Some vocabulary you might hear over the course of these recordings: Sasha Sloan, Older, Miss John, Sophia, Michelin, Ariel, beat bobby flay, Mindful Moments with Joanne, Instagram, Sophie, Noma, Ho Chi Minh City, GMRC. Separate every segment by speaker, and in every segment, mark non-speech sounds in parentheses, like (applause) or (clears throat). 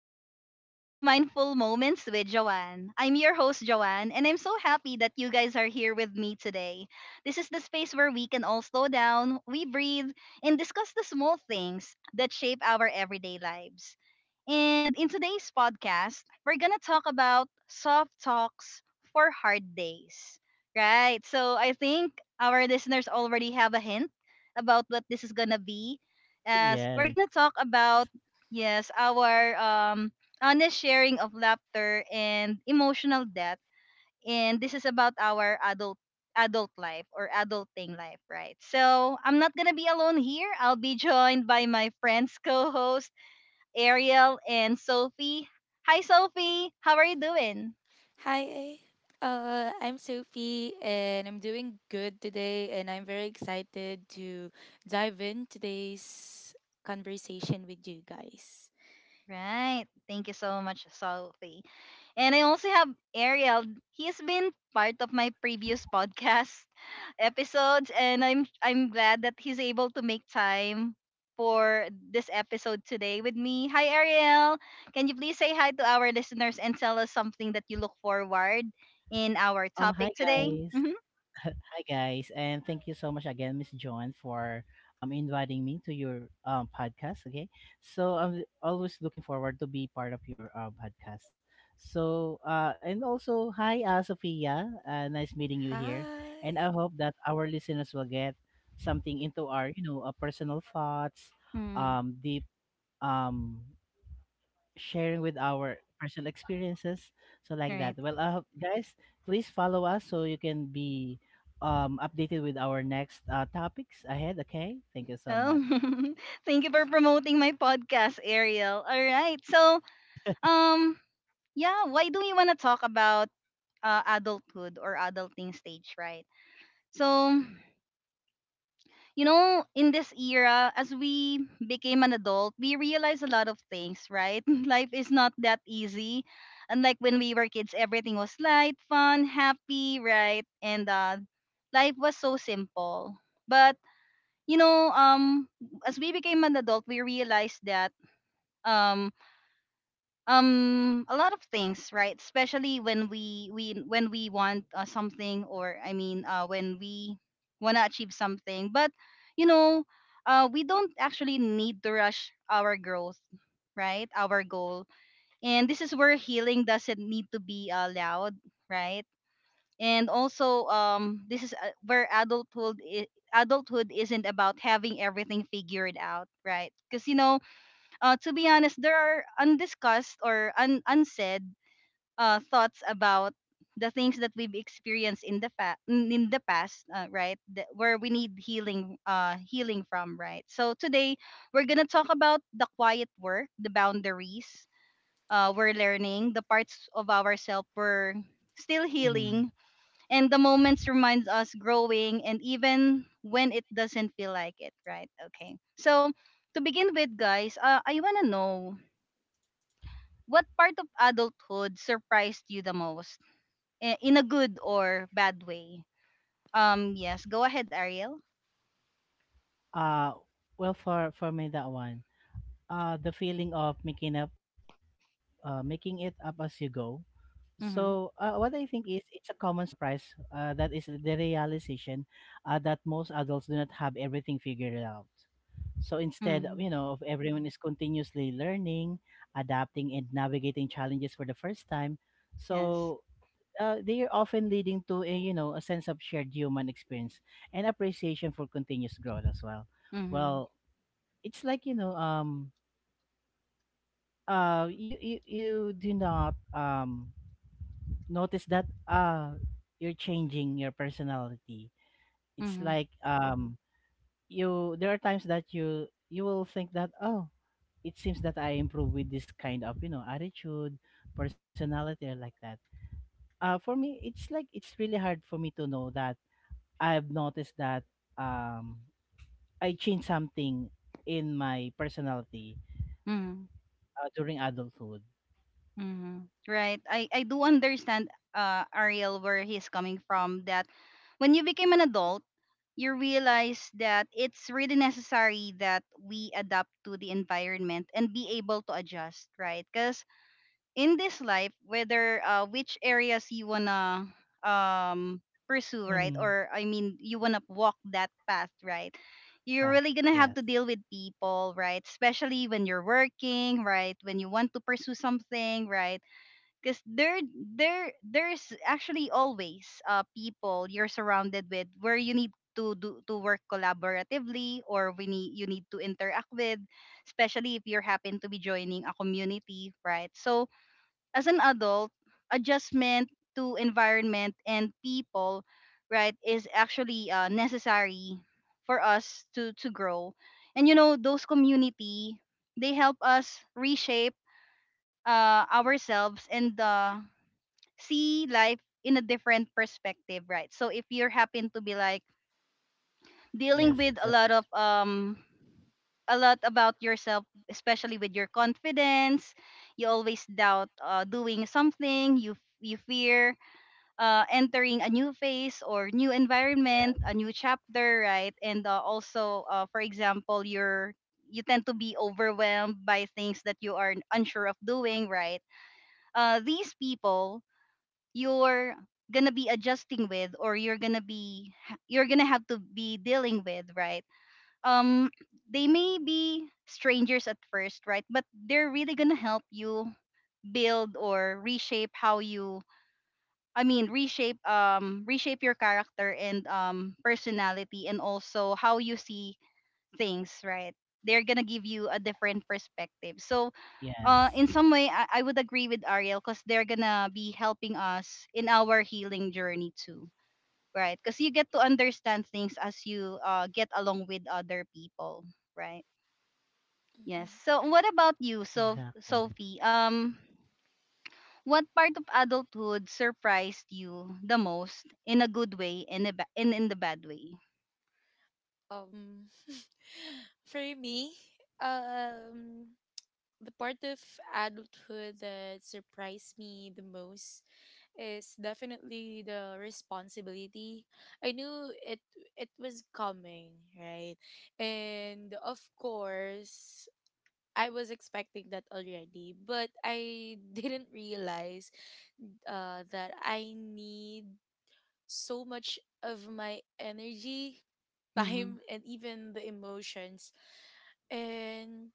Speaker 1: everyone, and welcome to Mindful Moments with Joanne. I'm your host, Joanne, and I'm so happy that you guys are here with me today. This is the space where we can all slow down, we breathe, and discuss the small things that shape our everyday lives. And in today's podcast, we're going to talk about soft talks for hard days. Right? So I think our listeners already have a hint about what this is going to be as we're going to talk
Speaker 2: Yes.
Speaker 1: about yes, our honest sharing of laughter and emotional depth, and this is about our adult life or adulting life, right? So I'm not gonna be alone here. I'll be joined by my friends, co-host Ariel and Sophie. Hi, Sophie. How are you doing?
Speaker 3: Hi, I'm Sophie and I'm doing good today, and I'm very excited to dive in today's conversation with you guys.
Speaker 1: Right. Thank you so much, Sophie. And I also have Ariel. He's been part of my previous podcast (laughs) episodes, and I'm glad that he's able to make time for this episode today with me. Hi, Ariel. Can you please say hi to our listeners and tell us something that you look forward in our
Speaker 2: Um. Hi
Speaker 1: topic today?
Speaker 2: guys.
Speaker 1: Mm-hmm.
Speaker 2: Hi guys, and thank you so much again, Miss John, for inviting me to your podcast. Okay. So I'm always looking forward to be part of your podcast. So, and also hi, Sophia. Nice meeting you here, and
Speaker 3: Hi.
Speaker 2: I hope that our listeners will get something into our personal thoughts,
Speaker 1: Hmm.
Speaker 2: deep um sharing with our personal experiences, so
Speaker 1: All
Speaker 2: like that.
Speaker 1: right.
Speaker 2: Well, guys, please follow us so you can be updated with our next topics ahead. Okay, thank you so
Speaker 1: Oh,
Speaker 2: much.
Speaker 1: (laughs) thank you for promoting my podcast, Ariel. All right. So, um, yeah, why do we want to talk about adulthood or adulting stage, right? So, you know, in this era, as we became an adult, we realize a lot of things, right? (laughs) Life is not that easy. Unlike when we were kids, everything was light, fun, happy, right? And life was so simple. But, you know, um, as we became an adult, we realized that um a lot of things, right? Especially when we when we want something, or I mean, when we want to achieve something. But you know, we don't actually need to rush our growth, right, our goal. And this is where healing doesn't need to be loud, right? And also this is where adulthood isn't about having everything figured out, right? Because you know, to be honest, there are undiscussed or unsaid thoughts about the things that we've experienced in the in the past, right? That, where we need healing, healing from, right? So today we're gonna talk about the quiet work, the boundaries we're learning, the parts of ourselves we're still healing,
Speaker 2: Hmm.
Speaker 1: and the moments reminds us growing, and even when it doesn't feel like it, right? Okay, so to begin with, guys, I want to know what part of adulthood surprised you the most, in a good or bad way? Yes. Go ahead, Ariel.
Speaker 2: Uh well, for me, that one, the feeling of making it up as you go. So,
Speaker 1: Mhm.
Speaker 2: what I think is it's a common surprise, that is the realization, that most adults do not have everything figured out. So instead,
Speaker 1: Mhm.
Speaker 2: of everyone is continuously learning, adapting, and navigating challenges for the first time,
Speaker 1: Yes.
Speaker 2: so they are often leading to a you know a sense of shared human experience and appreciation for continuous growth as well.
Speaker 1: Mhm.
Speaker 2: Well, it's like, you do not notice that, you're changing your personality. It's
Speaker 1: Mhm.
Speaker 2: like, you there are times that you will think that, it seems that I improve with this kind of, attitude, personality, or like that. For me, it's like it's really hard for me to know that, I've noticed that, um I changed something in my personality,
Speaker 1: Mhm.
Speaker 2: during adulthood.
Speaker 1: Mhm. Right. I do understand, Ariel, where he's coming from. That when you became an adult, you realize that it's really necessary that we adapt to the environment and be able to adjust, right? Because in this life, whether which areas you wanna um pursue, right,
Speaker 2: Mm-hmm.
Speaker 1: or I mean, you wanna walk that path, right, you're really gonna have to
Speaker 2: Yes,
Speaker 1: deal with people, right, especially when you're working, right, when you want to pursue something, right? Because there there's actually always people you're surrounded with where you need to work collaboratively, or we need, you need to interact with, especially if you're happen to be joining a community, right? So as an adult, adjustment to environment and people, right, is actually necessary for us to grow. And you know, those community, they help us reshape ourselves and see life in a different perspective, right? So if you happen to be like dealing
Speaker 2: yes,
Speaker 1: with a
Speaker 2: it's the
Speaker 1: lot of
Speaker 2: first.
Speaker 1: a lot about yourself, especially with your confidence. You always doubt doing something. You fear entering a new phase or new environment, a
Speaker 2: Yeah.
Speaker 1: new chapter, right? And also, for example, you're you tend to be overwhelmed by things that you are unsure of doing, right? These people you're gonna be adjusting with, or you're gonna have to be dealing with, right? um they may be strangers at first, right, but they're really gonna help you build or reshape how you, I mean, reshape your character and personality, and also how you see things, right? They're gonna give you a different perspective. So in
Speaker 2: Yes,
Speaker 1: some way I would agree with Ariel, because they're gonna be helping us in our healing journey too, right? Because you get to understand things as you get along with other people, right?
Speaker 3: Mhm.
Speaker 1: Yes. So what
Speaker 2: exactly.
Speaker 1: about you, so Sophie? What part of adulthood surprised you the most in a good way and a and in the bad way?
Speaker 3: Um, (laughs) for me, um, the part of adulthood that surprised me the most is definitely the responsibility. I knew it was coming, right? And of course, I was expecting that already, but I (laughs) didn't realize that I need so much of my energy,
Speaker 1: Mm-hmm.
Speaker 3: time, and even the emotions, and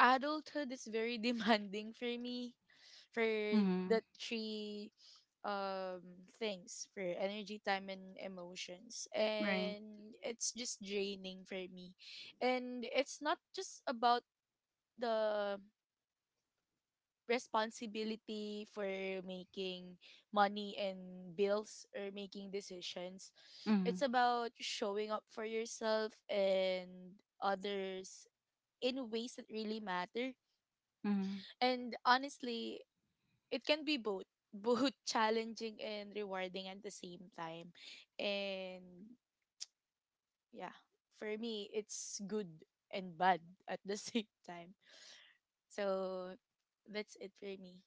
Speaker 3: adulthood is very (laughs) demanding for me, for
Speaker 1: Mm-hmm.
Speaker 3: the three um things, for energy, time, and emotions,
Speaker 1: Right.
Speaker 3: and it's just draining for me. And it's not just about the responsibility for making money and bills or making decisions, it's about showing up for yourself and others in ways that really matter.
Speaker 1: Mm-hmm.
Speaker 3: And honestly, it can be both (laughs) challenging and rewarding at the same time. And yeah, for me, it's good and bad at the (laughs) same time. So that's it for me.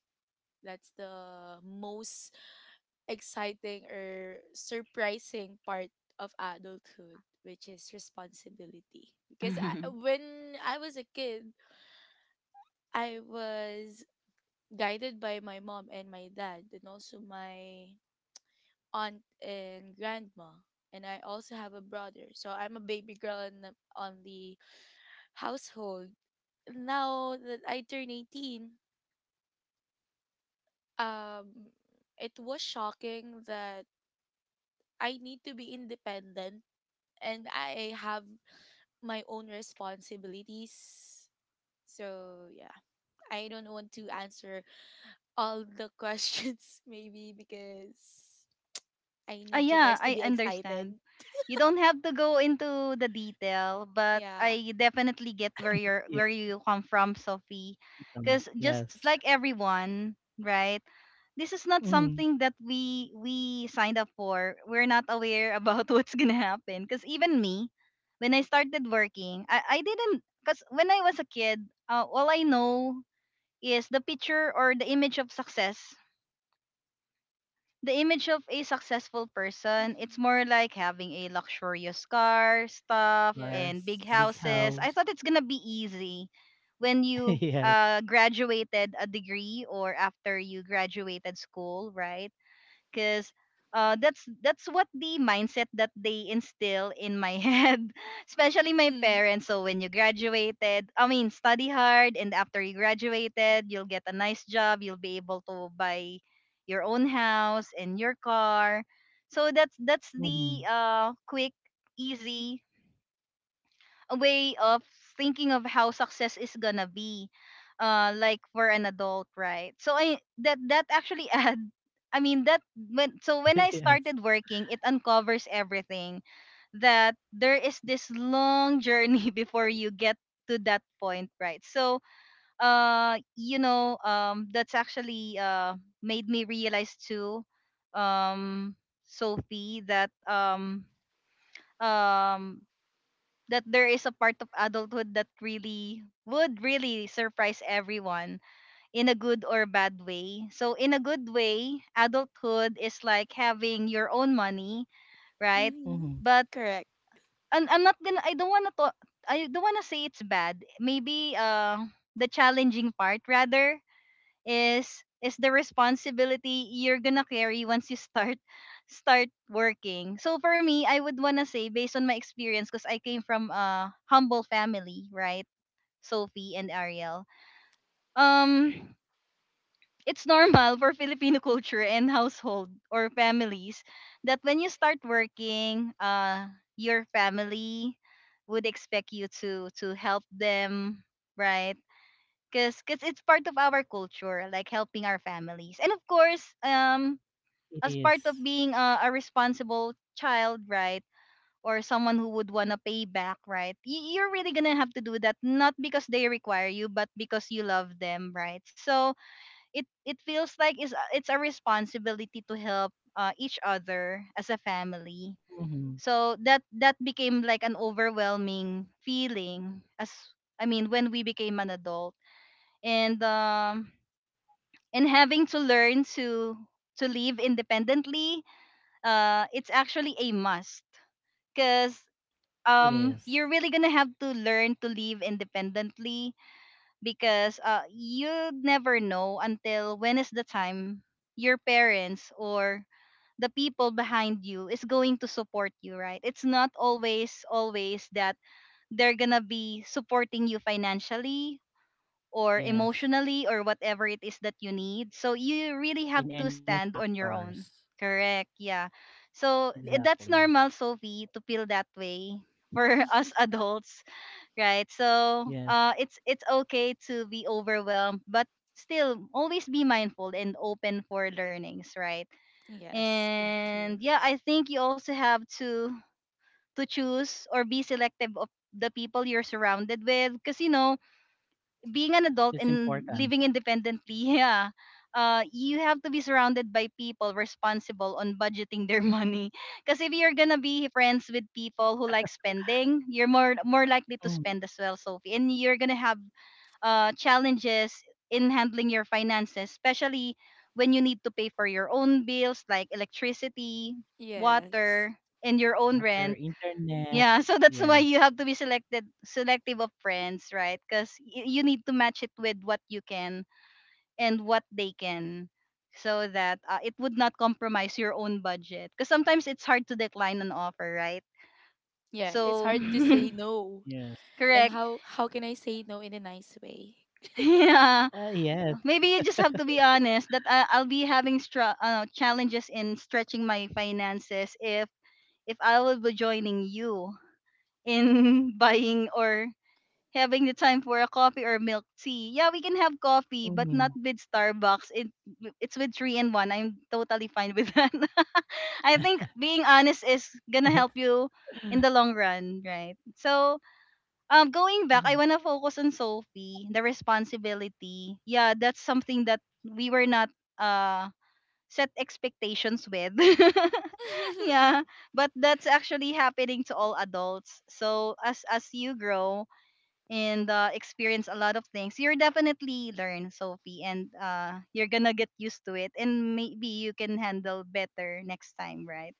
Speaker 3: That's the most exciting or surprising part of adulthood, which is responsibility. because I,
Speaker 1: (laughs)
Speaker 3: when I was a kid, I was guided by my mom and my dad, and also my aunt and grandma, and I also have a brother, so I'm a baby girl in on the household. Now that I turn 18, um it was shocking that I need to be independent and I have my own responsibilities. So yeah, I don't want to answer all the questions (laughs) maybe because I
Speaker 1: Ah,
Speaker 3: need you
Speaker 1: yeah,
Speaker 3: guys to
Speaker 1: I
Speaker 3: be excited.
Speaker 1: understand. You don't have to go into the detail, but
Speaker 3: Yeah.
Speaker 1: I definitely get where you're where you come from, Sophie.
Speaker 2: Awesome.
Speaker 1: Because just
Speaker 2: Yes.
Speaker 1: like everyone, right? This is not
Speaker 2: Mm.
Speaker 1: something that we signed up for. We're not aware about (laughs) what's gonna happen. Because even me, when I started working, I didn't. Because when I was a kid, all I know is the picture or the image of success, the image of a successful person. It's
Speaker 3: Mhm.
Speaker 1: more like having a luxurious car, stuff,
Speaker 2: Or
Speaker 1: and big
Speaker 2: big
Speaker 3: Yes.
Speaker 1: houses. I
Speaker 2: house.
Speaker 1: thought it's gonna be easy when
Speaker 2: (laughs)
Speaker 1: you
Speaker 2: Yes.
Speaker 1: graduated a degree, or after you graduated school, right? Because that's what the mindset that they instill in my (laughs) head, especially my
Speaker 3: Mm.
Speaker 1: parents. So when you graduated, I mean, study hard, and after you graduated, you'll get a nice job. You'll be able to buy your own house and your car. So that's
Speaker 2: Mhm.
Speaker 1: that's the quick, easy way of thinking of how success is gonna be like for an adult, right? So I that that actually (laughs) add, I mean, that when, so when
Speaker 2: (laughs)
Speaker 1: I
Speaker 2: Yes.
Speaker 1: started working, it uncovers everything that there is this long journey (laughs) before you get to that point, right? So you know, that's actually made me realize too, um Sophie, that um that there is a part of adulthood that really would really surprise everyone in a good or bad way. So in a good way, adulthood is like having your own money, right?
Speaker 3: Mm-hmm.
Speaker 2: Mhm.
Speaker 1: But,
Speaker 3: Correct.
Speaker 1: and I'm not gonna I don't wanna to, I don't wanna say it's bad. Maybe the challenging part rather is the responsibility you're gonna carry once you start (laughs) start working. So for me, I would wanna say based on my experience, because I came from a humble family, right? Sophie and Ariel. Um, (sniffs) it's normal for (laughs) Filipino culture and household or families that when you start working, your family would expect you to help them, right? Because 'cause it's part of our culture, like helping our families, and of course, as
Speaker 2: It
Speaker 1: part of
Speaker 2: is.
Speaker 1: being a responsible child, right, or someone who would want to pay back, right, you're really gonna have to do that, not because they require you, but because you love them, right? So it feels like it's a responsibility to help each other as a family.
Speaker 2: Mhm.
Speaker 1: So that that became like an overwhelming feeling as, I mean, when we became an adult. And and having to learn to live independently, it's actually a must, because
Speaker 2: It is.
Speaker 1: you're really gonna have to learn to live independently. Because you never know until when is the time your parents or the people behind you is going to support you, right? It's not always always that they're gonna be supporting you financially or
Speaker 2: Yes.
Speaker 1: emotionally, or whatever it is that you need. So you really have
Speaker 2: In
Speaker 1: to
Speaker 2: any
Speaker 1: stand on your
Speaker 2: factors.
Speaker 1: own. Correct. Yeah. So
Speaker 2: Exactly.
Speaker 1: that's normal, Sophie, to feel that way for (laughs) us
Speaker 3: (laughs)
Speaker 1: adults, right?
Speaker 2: Mhm.
Speaker 1: So
Speaker 2: Yes.
Speaker 1: it's okay to be overwhelmed, but still always be mindful and open for learnings, right?
Speaker 3: Yes, thank
Speaker 1: And
Speaker 3: you.
Speaker 1: yeah, I think you also have to choose or be selective of the people you're surrounded with, because you know, being an
Speaker 2: That's
Speaker 1: adult and
Speaker 2: important.
Speaker 1: living independently, (laughs) yeah, you have to be surrounded by people responsible on budgeting their (laughs) money. Because if you're gonna be friends with people who like spending, you're more likely
Speaker 2: Mm.
Speaker 1: to spend as well, Sophie, and you're gonna have challenges in handling your finances, especially when you need to pay for your own bills, like electricity,
Speaker 3: Yes.
Speaker 1: water, and your own
Speaker 2: Water,
Speaker 1: rent.
Speaker 2: internet.
Speaker 1: Yeah, so that's why
Speaker 2: Yes.
Speaker 1: you have to be selected selective of friends, right? Because you need to match it with what you can and what they can, so that it would not compromise your own budget. Because sometimes it's hard to decline an offer, right?
Speaker 3: Yeah, it's
Speaker 1: So
Speaker 3: hard to say no.
Speaker 2: Yes.
Speaker 1: (laughs)
Speaker 3: And
Speaker 1: correct,
Speaker 3: how can I say no in a nice way?
Speaker 1: (laughs) yeah.
Speaker 2: Yes.
Speaker 1: Maybe you just have to be honest that I'll be having challenges in stretching my finances if I will be joining you in (laughs) buying or having the time for a coffee or milk tea. Yeah, we can have coffee, but
Speaker 2: Mhm.
Speaker 1: not with Starbucks. It's with three and one. I'm totally fine with that. (laughs) I think being honest is
Speaker 2: Mhm. (laughs)
Speaker 1: gonna help you in the long run, right? So, going back, I wanna focus on Sophie, the responsibility. Yeah, that's something that we were not uh set expectations with. (laughs)
Speaker 3: (laughs)
Speaker 1: yeah, but that's actually happening to all adults. So as you grow, and experience a lot of things, you're definitely learn, Sophie, and you're gonna get used to it, and maybe you can handle better next time, right?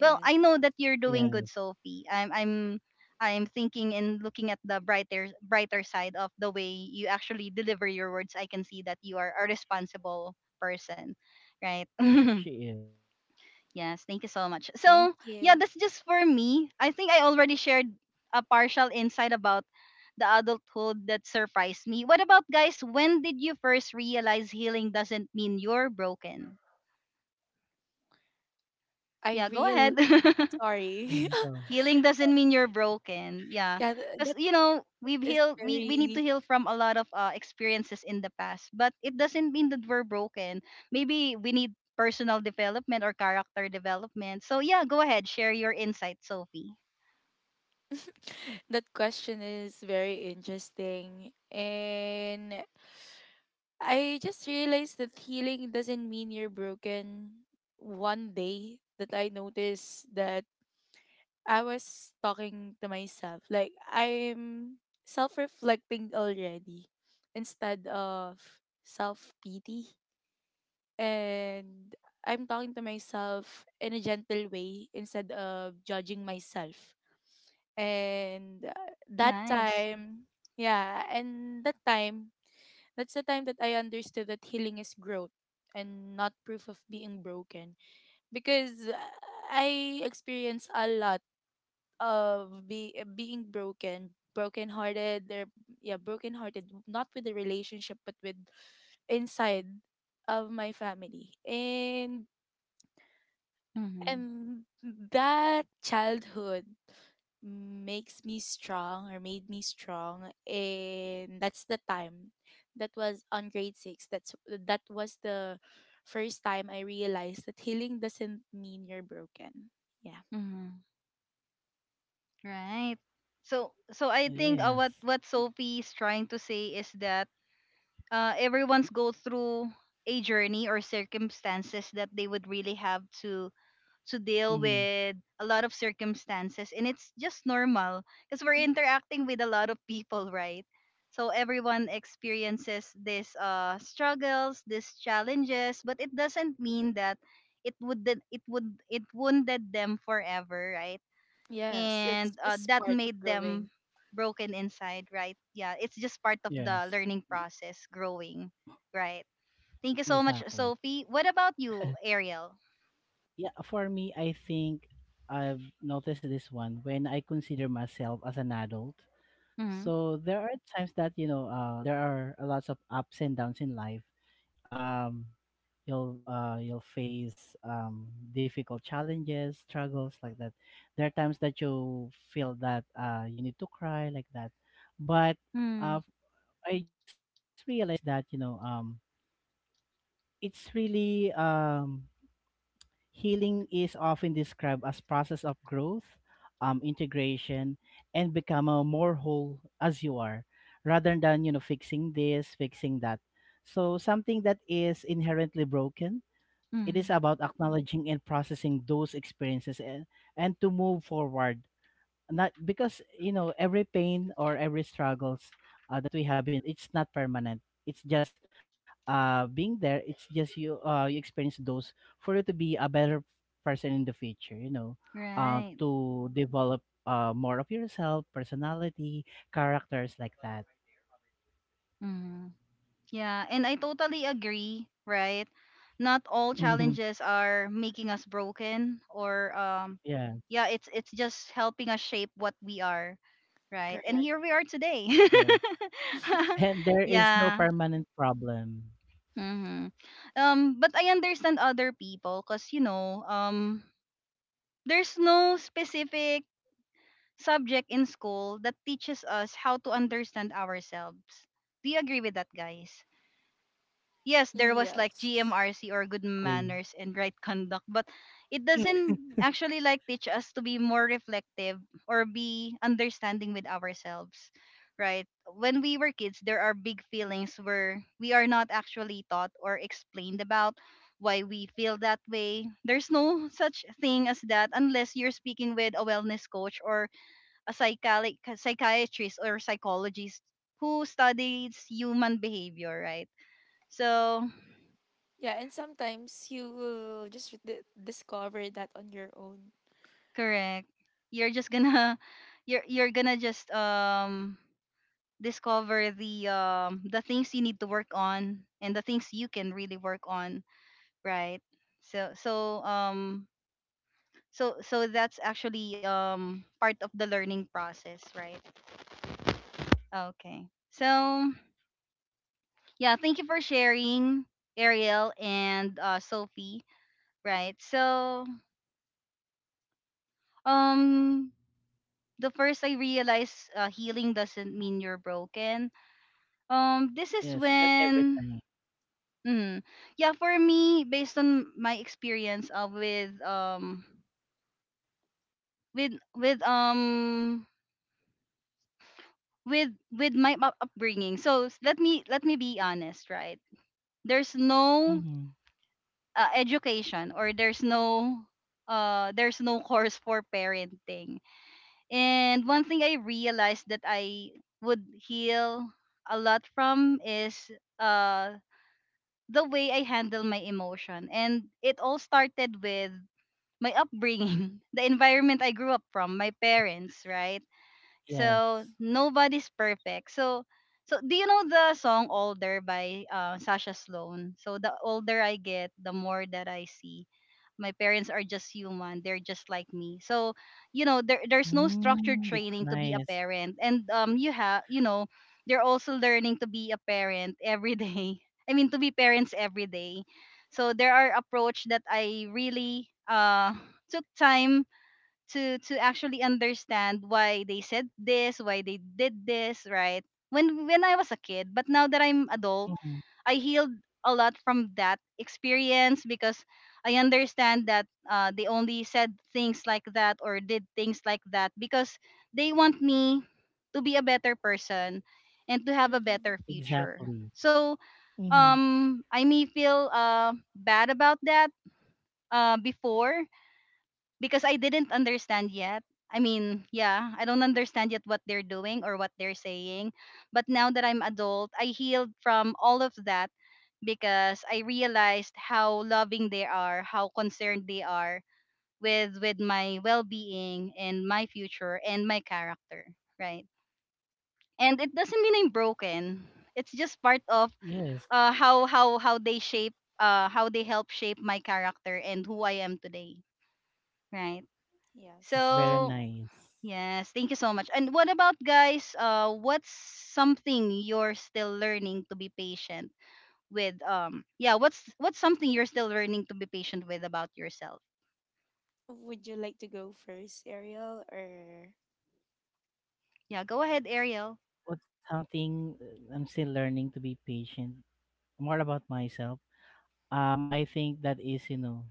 Speaker 1: Well, I know that you're
Speaker 2: Yes.
Speaker 1: doing good, Sophie. I'm thinking and looking at the brighter side of the way you actually deliver your words. I can see that you are a responsible person, right?
Speaker 2: She
Speaker 1: (laughs)
Speaker 2: is.
Speaker 1: Yes, thank you so much.
Speaker 3: thank
Speaker 1: So, yeah,
Speaker 3: you.
Speaker 1: that's just for me. I think I already shared a partial insight about the adulthood that surprised me. What about guys? When did you first realize healing doesn't mean you're broken?
Speaker 3: I
Speaker 1: Yeah, go
Speaker 3: real
Speaker 1: ahead. (laughs)
Speaker 2: Mhm.
Speaker 3: Sorry.
Speaker 2: Go.
Speaker 3: (laughs)
Speaker 1: healing doesn't mean you're broken. Yeah.
Speaker 3: Yeah, th-
Speaker 1: Cuz
Speaker 3: that
Speaker 1: you know, we've
Speaker 3: is
Speaker 1: healed we we need
Speaker 3: very
Speaker 1: to heal from a lot of experiences in the past, but it doesn't mean that we're broken. Maybe we need personal development or character development. So, yeah, go ahead, share your insight, Sophie.
Speaker 3: that question is very interesting. And I just realized that healing doesn't mean you're broken. One day, that I noticed that I was talking to myself, like I'm self reflecting already instead of self pity. And I'm talking to myself in a gentle way instead of judging myself. And that
Speaker 1: Nice.
Speaker 3: time, yeah, and that time, that's the time that I understood that healing is growth and not proof of being broken. Because I experience a lot of be being broken brokenhearted, they're yeah brokenhearted, not with the relationship, but with inside of my family. and
Speaker 1: Mhm.
Speaker 3: and that childhood makes me strong, or made me strong. And that's the time, that was on grade 6, that's, that was the first time I realized that healing doesn't mean you're broken. Yeah.
Speaker 1: Mhm. Right. So
Speaker 2: It
Speaker 1: I think
Speaker 2: is.
Speaker 1: what Sophie is trying to say is that everyone's go through a journey or circumstances that they would really have to deal
Speaker 2: Mhm.
Speaker 1: with a lot of circumstances, and it's just normal because we're
Speaker 3: Mm.
Speaker 1: interacting with a lot of people, right? So everyone experiences these struggles, these challenges, but it doesn't mean that it would it would it wounded them forever, right?
Speaker 3: Yes, it's
Speaker 1: And
Speaker 3: just
Speaker 1: that
Speaker 3: part of
Speaker 1: made
Speaker 3: growing.
Speaker 1: them broken inside, right? Yeah, it's just part of
Speaker 2: Yes.
Speaker 1: the learning process, growing, right? Thank you so much,
Speaker 2: Exactly.
Speaker 1: Sophie. What about you, Ariel?
Speaker 2: Yeah, for me, I think I've noticed this one when I consider myself as an adult.
Speaker 1: Mm-hmm.
Speaker 2: So there are times that, there are a lots of ups and downs in life. Um, you'll face difficult challenges, struggles like that. There are times that you feel that, you need to cry like that. But
Speaker 1: Mm-hmm.
Speaker 2: uh, I just realized that, it's really healing is often described as process of growth, integration, and become a more whole as you are, rather than, fixing this, fixing that. So something that is inherently broken, it is about acknowledging and processing those experiences, and to move forward, not because, every pain or every struggles, that we have in, it's not permanent, it's just being there, it's just you experience those for you to be a better person in the future.
Speaker 1: Right.
Speaker 2: To develop, more of yourself personality, characters like that. (laughs)
Speaker 1: Hmm. Yeah, and I totally agree, right? Not all
Speaker 2: Mhm.
Speaker 1: challenges are making us broken or
Speaker 2: Yes,
Speaker 1: yeah, it's just helping us shape what we are, right? And
Speaker 3: Correct.
Speaker 1: here we are today.
Speaker 2: yes,
Speaker 1: (laughs)
Speaker 2: and there is no
Speaker 1: Yeah.
Speaker 2: permanent problem.
Speaker 1: Mm-hmm. Um, but I understand other people, cuz you know, um, there's no specific subject in school that teaches us how to understand ourselves. Do you agree with that, guys? Yes, there was like
Speaker 2: Yes,
Speaker 3: Yes.
Speaker 1: GMRC or good
Speaker 2: exactly.
Speaker 1: manners and right conduct, but it
Speaker 2: (laughs)
Speaker 1: doesn't actually like teach us to be more reflective or be understanding with ourselves, right? When we were kids, there are big feelings where we are not actually taught or explained about why we feel that way. There's no such thing as that unless you're speaking with a wellness coach or a psychiatrist or psychologist who studies human behavior, right? So
Speaker 3: Yeah, and sometimes you will just d- discover that on your own.
Speaker 1: Correct. You're just gonna (laughs) you're gonna just discover the things you need to work on and the things you can really work on, right? So so um so that's actually part of the learning process, right? Okay. So yeah, thank you for sharing, Ariel and Sophie, right? So um the first I realized healing doesn't mean you're broken. This is
Speaker 2: Yes, not
Speaker 1: when,
Speaker 2: everything.
Speaker 1: mm, yeah, for me, based on my experience with with um with my upbringing. So let me be honest, right? There's
Speaker 2: Mhm.
Speaker 1: no education, or there's no there's no (laughs) course for parenting. And one thing I realized that I would heal a lot from is uh the way I handle my emotion. And it all started with my upbringing, (laughs) the environment I grew up from, my parents, right?
Speaker 2: Yes.
Speaker 1: So nobody's perfect. So do you know the song Older by Sasha Sloan? So the older I get, the more that I see my parents are just human, they're just like me. So you know there's no structured
Speaker 2: Mm, that's
Speaker 1: training to be a
Speaker 2: nice.
Speaker 1: parent, and you have you know they're also learning to be a parent every day. (laughs) I mean to be parents every day. So there are approach that I really took time to actually understand why they said this, why they did this, right? When I was a kid, but now that I'm adult,
Speaker 2: Mhm,
Speaker 1: I healed a lot from that experience, because I understand that they only said things like that or did things like that because they want me to be a better person and to have a
Speaker 3: Mm-hmm.
Speaker 1: better future.
Speaker 2: exactly.
Speaker 1: So
Speaker 2: Mhm,
Speaker 1: I may feel bad about that before, because I didn't understand yet. I mean, yeah, I don't understand yet what they're doing or what they're saying. But now that I'm adult, I healed from all of that because I realized how loving they are, how concerned they are with my well-being and my future and my character, right? And it doesn't mean I'm broken. It's just part of
Speaker 2: yes,
Speaker 1: how they shape how they help shape my character and who I am today, right?
Speaker 2: it's
Speaker 3: Yes.
Speaker 2: very
Speaker 1: So
Speaker 2: nice.
Speaker 1: Yes, thank you so much. And what about guys? What's something you're still learning to be patient with? Yeah, what's something you're still learning to be patient with about yourself?
Speaker 3: Would you like to go first, Ariel, or
Speaker 1: Yeah,
Speaker 2: Um,
Speaker 1: go ahead, Ariel.
Speaker 2: what's something, I'm still learning to be patient, more about myself. I think that is,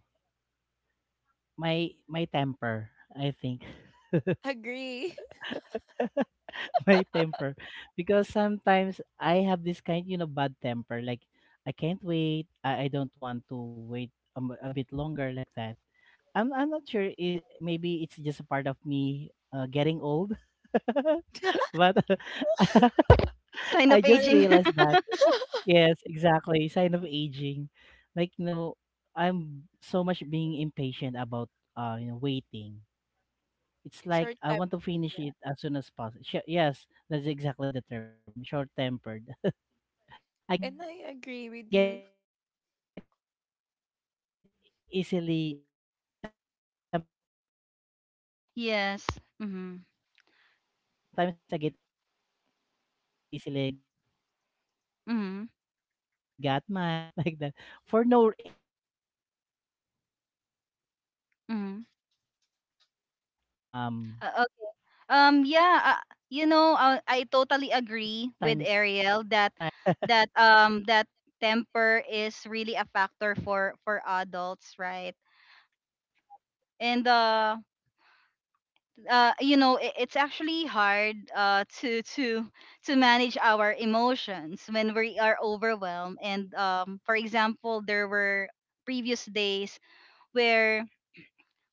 Speaker 2: my temper. I think (laughs)
Speaker 3: agree?
Speaker 2: my temper, because sometimes I have this kind, bad temper. Like I can't wait. I don't want to wait a bit longer, like that. I'm not sure. I maybe it's just a part of me, getting old.
Speaker 3: (laughs)
Speaker 2: (laughs) But (laughs)
Speaker 1: (laughs) Sign
Speaker 2: I
Speaker 1: of
Speaker 2: just
Speaker 3: Well,
Speaker 1: aging. (laughs)
Speaker 2: realized that, yes, exactly, sign of aging. Like, I'm so much being impatient about, waiting. It's like
Speaker 3: short
Speaker 2: I
Speaker 3: time.
Speaker 2: want to finish
Speaker 3: Yeah.
Speaker 2: it as soon as possible. Yes, that's exactly the term. Short tempered. I get
Speaker 3: And I agree with you.
Speaker 1: Yes. Mm-hmm.
Speaker 2: easily Sometimes
Speaker 1: Mm-hmm.
Speaker 2: I get easily got mad (laughs) like that, for no, and the thing is it's for no reason. I
Speaker 1: Mm-hmm.
Speaker 2: I easily get mad like that.
Speaker 1: Okay.
Speaker 2: (laughs) And again, I think
Speaker 1: Yeah.
Speaker 2: that's,
Speaker 1: You know,
Speaker 2: sign of
Speaker 1: I
Speaker 2: aging, as
Speaker 1: totally
Speaker 2: well as you
Speaker 1: agree with
Speaker 2: mentioned. (laughs)
Speaker 1: Ariel that
Speaker 2: So I'm still
Speaker 1: that
Speaker 2: learning about that one. How
Speaker 1: temper
Speaker 2: can I
Speaker 1: is really
Speaker 2: control
Speaker 1: a factor
Speaker 2: that
Speaker 1: for
Speaker 2: emotion of me?
Speaker 1: adults, right?
Speaker 2: Um,
Speaker 1: And
Speaker 2: Sometimes when I
Speaker 1: you
Speaker 2: feel.
Speaker 1: know, it, it's actually
Speaker 2: Mhm,
Speaker 1: hard to manage our emotions when we are overwhelmed, and for example, there were previous days where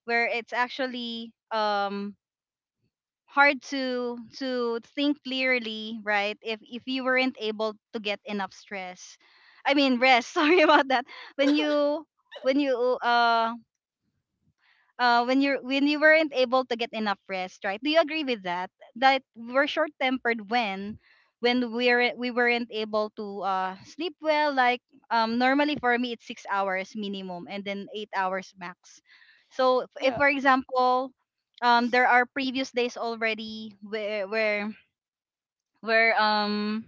Speaker 1: it's actually
Speaker 2: mhm.
Speaker 1: hard to think clearly, right? If you weren't able to get enough stress I mean rest, (laughs) sorry about that, when you when you uh when you're when you weren't able to get enough rest, right? Do you agree with that? That we're short tempered when we weren't able to sleep well. Like normally for me, it's 6 hours minimum and then 8 hours max. So if
Speaker 3: Yeah.
Speaker 1: for example, there are previous days already where um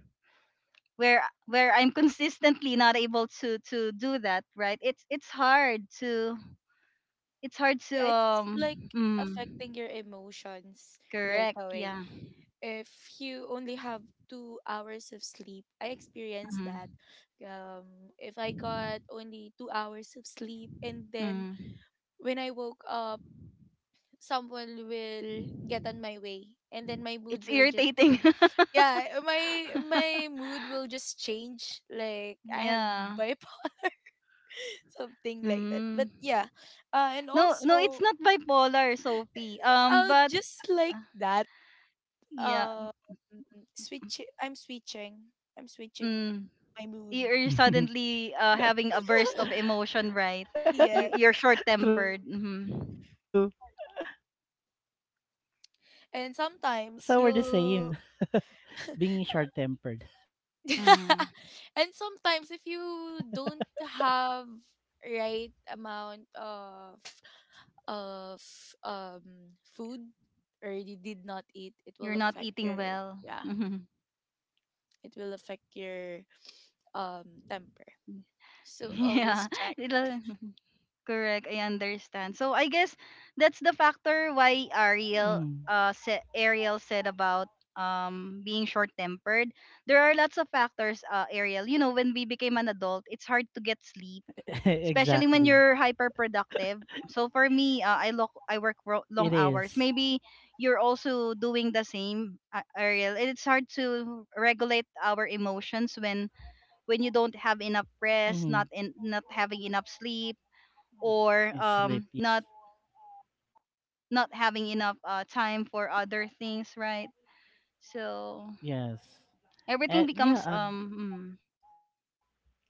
Speaker 1: where I'm (laughs) consistently not able to do that, right? It's hard to
Speaker 3: Yeah, it's like
Speaker 1: Mm,
Speaker 3: affecting your emotions right
Speaker 1: Correct.
Speaker 3: away.
Speaker 1: Yeah.
Speaker 3: If you only have 2 hours of sleep, I experienced that.
Speaker 1: Mm-hmm.
Speaker 3: um, if I got only 2 hours of sleep and then
Speaker 1: Mm-hmm.
Speaker 3: when I woke up, someone will get on my way, and then my mood
Speaker 1: It's
Speaker 3: will just,
Speaker 1: irritating.
Speaker 3: yeah, my
Speaker 1: (laughs)
Speaker 3: mood will just change, like I have
Speaker 1: Yeah.
Speaker 3: bipolar, (laughs) something like that. But
Speaker 1: Mm.
Speaker 3: yeah, and
Speaker 1: No, no, it's
Speaker 3: also
Speaker 1: not bipolar, Sophie. But
Speaker 3: just like
Speaker 1: uh,
Speaker 3: that,
Speaker 1: yeah.
Speaker 3: um switch I'm switching. I'm switching
Speaker 1: Mm.
Speaker 3: my mood.
Speaker 1: You- you're suddenly having a burst of
Speaker 3: (laughs)
Speaker 1: emotion, right? You,
Speaker 3: Yes.
Speaker 1: you're
Speaker 2: (laughs)
Speaker 1: short-tempered. Mm-hmm.
Speaker 2: True.
Speaker 3: And sometimes
Speaker 2: So we're the
Speaker 3: you'll
Speaker 2: same,
Speaker 3: (laughs)
Speaker 2: being short-tempered.
Speaker 1: Mm-hmm.
Speaker 3: and sometimes if you don't have right amount of of food, or you did not eat, it
Speaker 1: You're
Speaker 3: will
Speaker 1: not
Speaker 3: affect
Speaker 1: eating
Speaker 3: your,
Speaker 1: well.
Speaker 3: yeah,
Speaker 1: Mm-hmm.
Speaker 3: it will affect your temper.
Speaker 1: (laughs)
Speaker 3: So
Speaker 1: Yeah.
Speaker 3: always check.
Speaker 1: It'll- Correct, I understand. So I guess that's the factor why
Speaker 2: Mm.
Speaker 1: Ariel said about being short-tempered. There are lots of factors, uh, Ariel. You know, when we became an adult, it's hard to get sleep,
Speaker 2: (laughs)
Speaker 1: especially when
Speaker 2: Exactly.
Speaker 1: you're hyper-productive. So for me, I work
Speaker 2: It
Speaker 1: long hours.
Speaker 2: is.
Speaker 1: Maybe you're also doing the same, Ariel. It's hard to regulate our emotions when you don't have enough rest,
Speaker 2: Mm.
Speaker 1: not having enough sleep or
Speaker 2: And sleep, yes.
Speaker 1: not having enough time for other things, right? So
Speaker 2: Yes.
Speaker 1: everything becomes
Speaker 2: And
Speaker 1: um
Speaker 2: yeah,
Speaker 1: mm,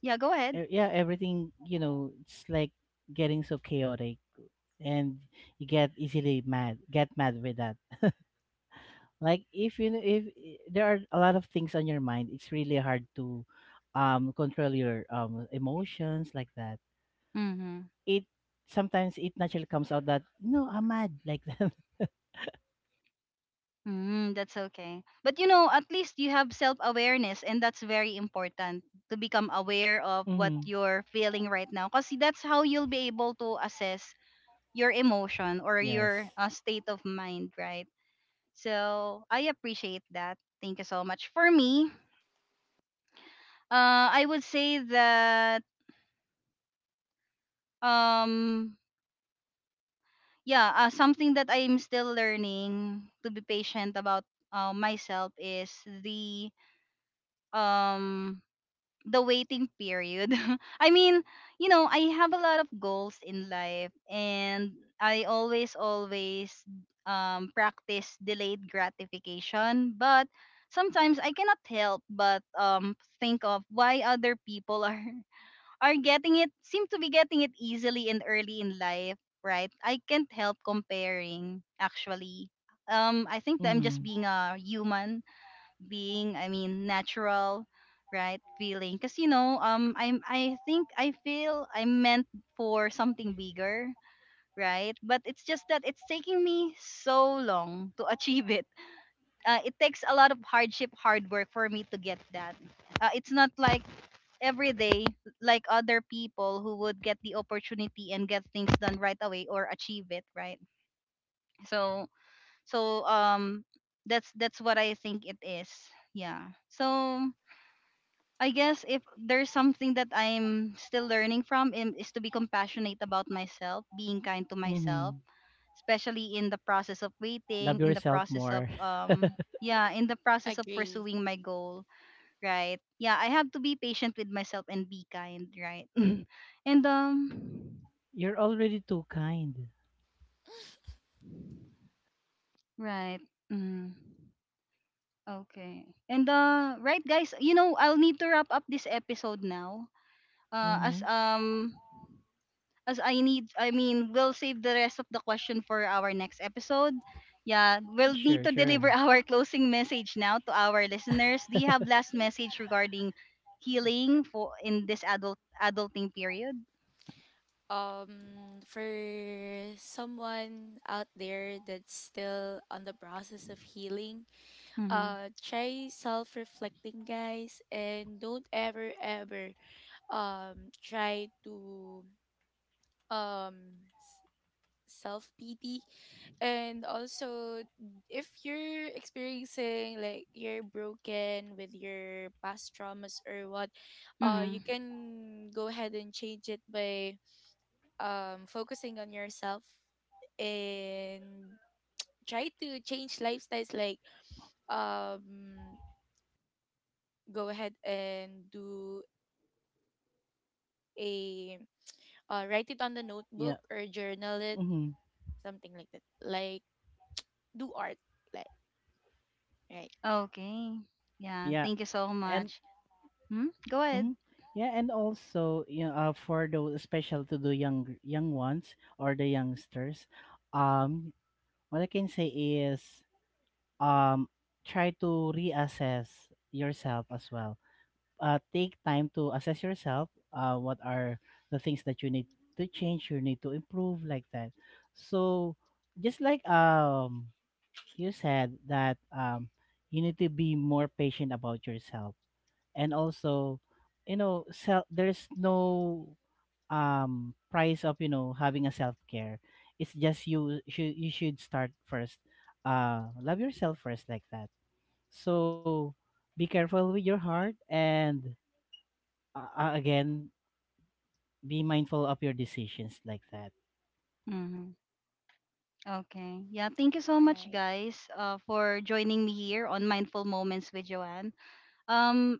Speaker 1: yeah, go ahead.
Speaker 2: yeah, everything, it's like getting so chaotic, and you get easily mad, get mad with that. Like, if you know, if I- there are a lot of things on your mind, it's really hard to control your emotions like that.
Speaker 1: Mhm.
Speaker 2: It Sometimes it naturally comes out that, no, I'm mad like that. (laughs)
Speaker 1: Mm, that's okay. But you know, at least you have self-awareness, and that's very important to become aware of what
Speaker 2: Mm-hmm.
Speaker 1: you're feeling right now because that's how you'll be able to assess your emotion or your
Speaker 2: Yes.
Speaker 1: state of mind, right? So, I appreciate that. Thank you so much. For me, I would say that um yeah something that I'm still learning to be patient about myself is the um the waiting period. (laughs) I mean, you know, I have a lot of goals in life, and I always practice delayed gratification, but sometimes I cannot help but think of why other people (laughs) are getting it seem to be getting it easily and early in life, right? I can't help comparing actually. Um, I think that
Speaker 2: Mm-hmm.
Speaker 1: I'm just being a human being, I mean natural, right? Feeling, cuz you know, um, I think I feel I'm meant for something bigger, right? But it's just that it's taking me so long to (laughs) achieve it. It takes a lot of hardship, hard work for me to get that. It's not like every day like other people who would get the opportunity and get things done right away or achieve it, right? So so um that's what I think it is, yeah. So I guess if there's something that I'm still learning from, is to be compassionate about myself, being kind to myself,
Speaker 2: Mm-hmm.
Speaker 1: especially in the process of
Speaker 2: Love
Speaker 1: waiting, in the
Speaker 2: yourself
Speaker 1: process of
Speaker 2: more.
Speaker 1: yeah in the process of
Speaker 3: Agree.
Speaker 1: pursuing my goal, right? Yeah, I have to be patient with myself and be kind, right? (clears throat) (laughs) And
Speaker 2: (laughs) You're already too kind.
Speaker 1: (sniffs) right. Mm. Okay. And right guys, you know, I'll need to wrap up this episode now. Uh as
Speaker 2: Mm-hmm.
Speaker 1: um as I need I mean, we'll save the rest of the question for our next episode. Yeah, we'll
Speaker 3: Mm-hmm.
Speaker 2: Sure,
Speaker 1: need to
Speaker 2: sure.
Speaker 1: deliver (laughs) our closing message now to our listeners. Do you have last
Speaker 2: (laughs)
Speaker 1: message regarding healing for in this adulting period?
Speaker 3: For someone out there that's still on the process of healing,
Speaker 1: Mhm.
Speaker 3: uh, try self-reflecting, guys, and don't ever ever try to, um s- self-pity. And also, if you're experiencing like you're broken with your past traumas or what, uh, you
Speaker 1: Mhm.
Speaker 3: can go ahead and change it by focusing on yourself, and try to change lifestyles, like, um go ahead and do a write it on the
Speaker 2: Yeah.
Speaker 3: notebook or journal it,
Speaker 2: Mm-hmm.
Speaker 3: something like that, like do art, like, right.
Speaker 1: Okay. Yeah.
Speaker 2: Yeah.
Speaker 1: Thank you so
Speaker 2: And
Speaker 1: much. Hmm? Go ahead.
Speaker 2: mm-hmm. Yeah, and also, for those special to the young ones or the youngsters, um, what I can say is, um, try to reassess yourself as well. Take time to assess yourself. What are the things that you need to change? You need to improve, like that. So, just like you said that, you need to be more patient about yourself, and also, self. There's no price of, having a self care. It's just you should, start first. Love yourself first, like that. So, be careful with your heart, and, again, be mindful of your decisions, like that.
Speaker 1: Mm-hmm. Okay. Yeah. Thank you so much,
Speaker 3: Right,
Speaker 1: guys, for joining me here on Mindful Moments with Joanne. Um,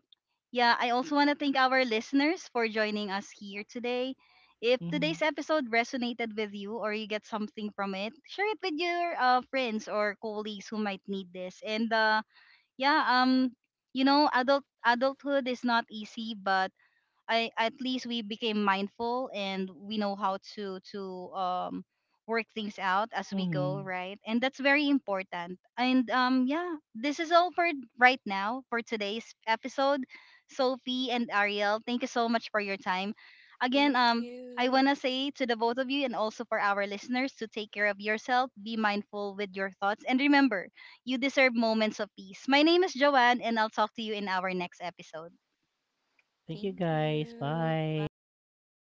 Speaker 1: yeah, I also want to thank our listeners for joining us here today. If
Speaker 2: Mm-hmm.
Speaker 1: today's episode resonated with you or you get something from it, share it with your friends or colleagues who might need this. And yeah, you know, adulthood is not easy, but I at least we became mindful and we know how to um work things out as we go,
Speaker 2: Mm-hmm.
Speaker 1: right? And that's very important. And yeah, this is all for right now for today's episode. Sophie and Ariel, thank you so much for your time. Again,
Speaker 3: thank
Speaker 1: I want
Speaker 3: you.
Speaker 1: to say to the both of you and also for our listeners to take care of yourself, be mindful with your thoughts, and remember, you deserve moments of peace. My name is Joanne, and I'll talk to you in our next episode.
Speaker 2: Thank you
Speaker 3: Thank
Speaker 2: guys.
Speaker 3: you.
Speaker 2: Bye.
Speaker 3: Bye.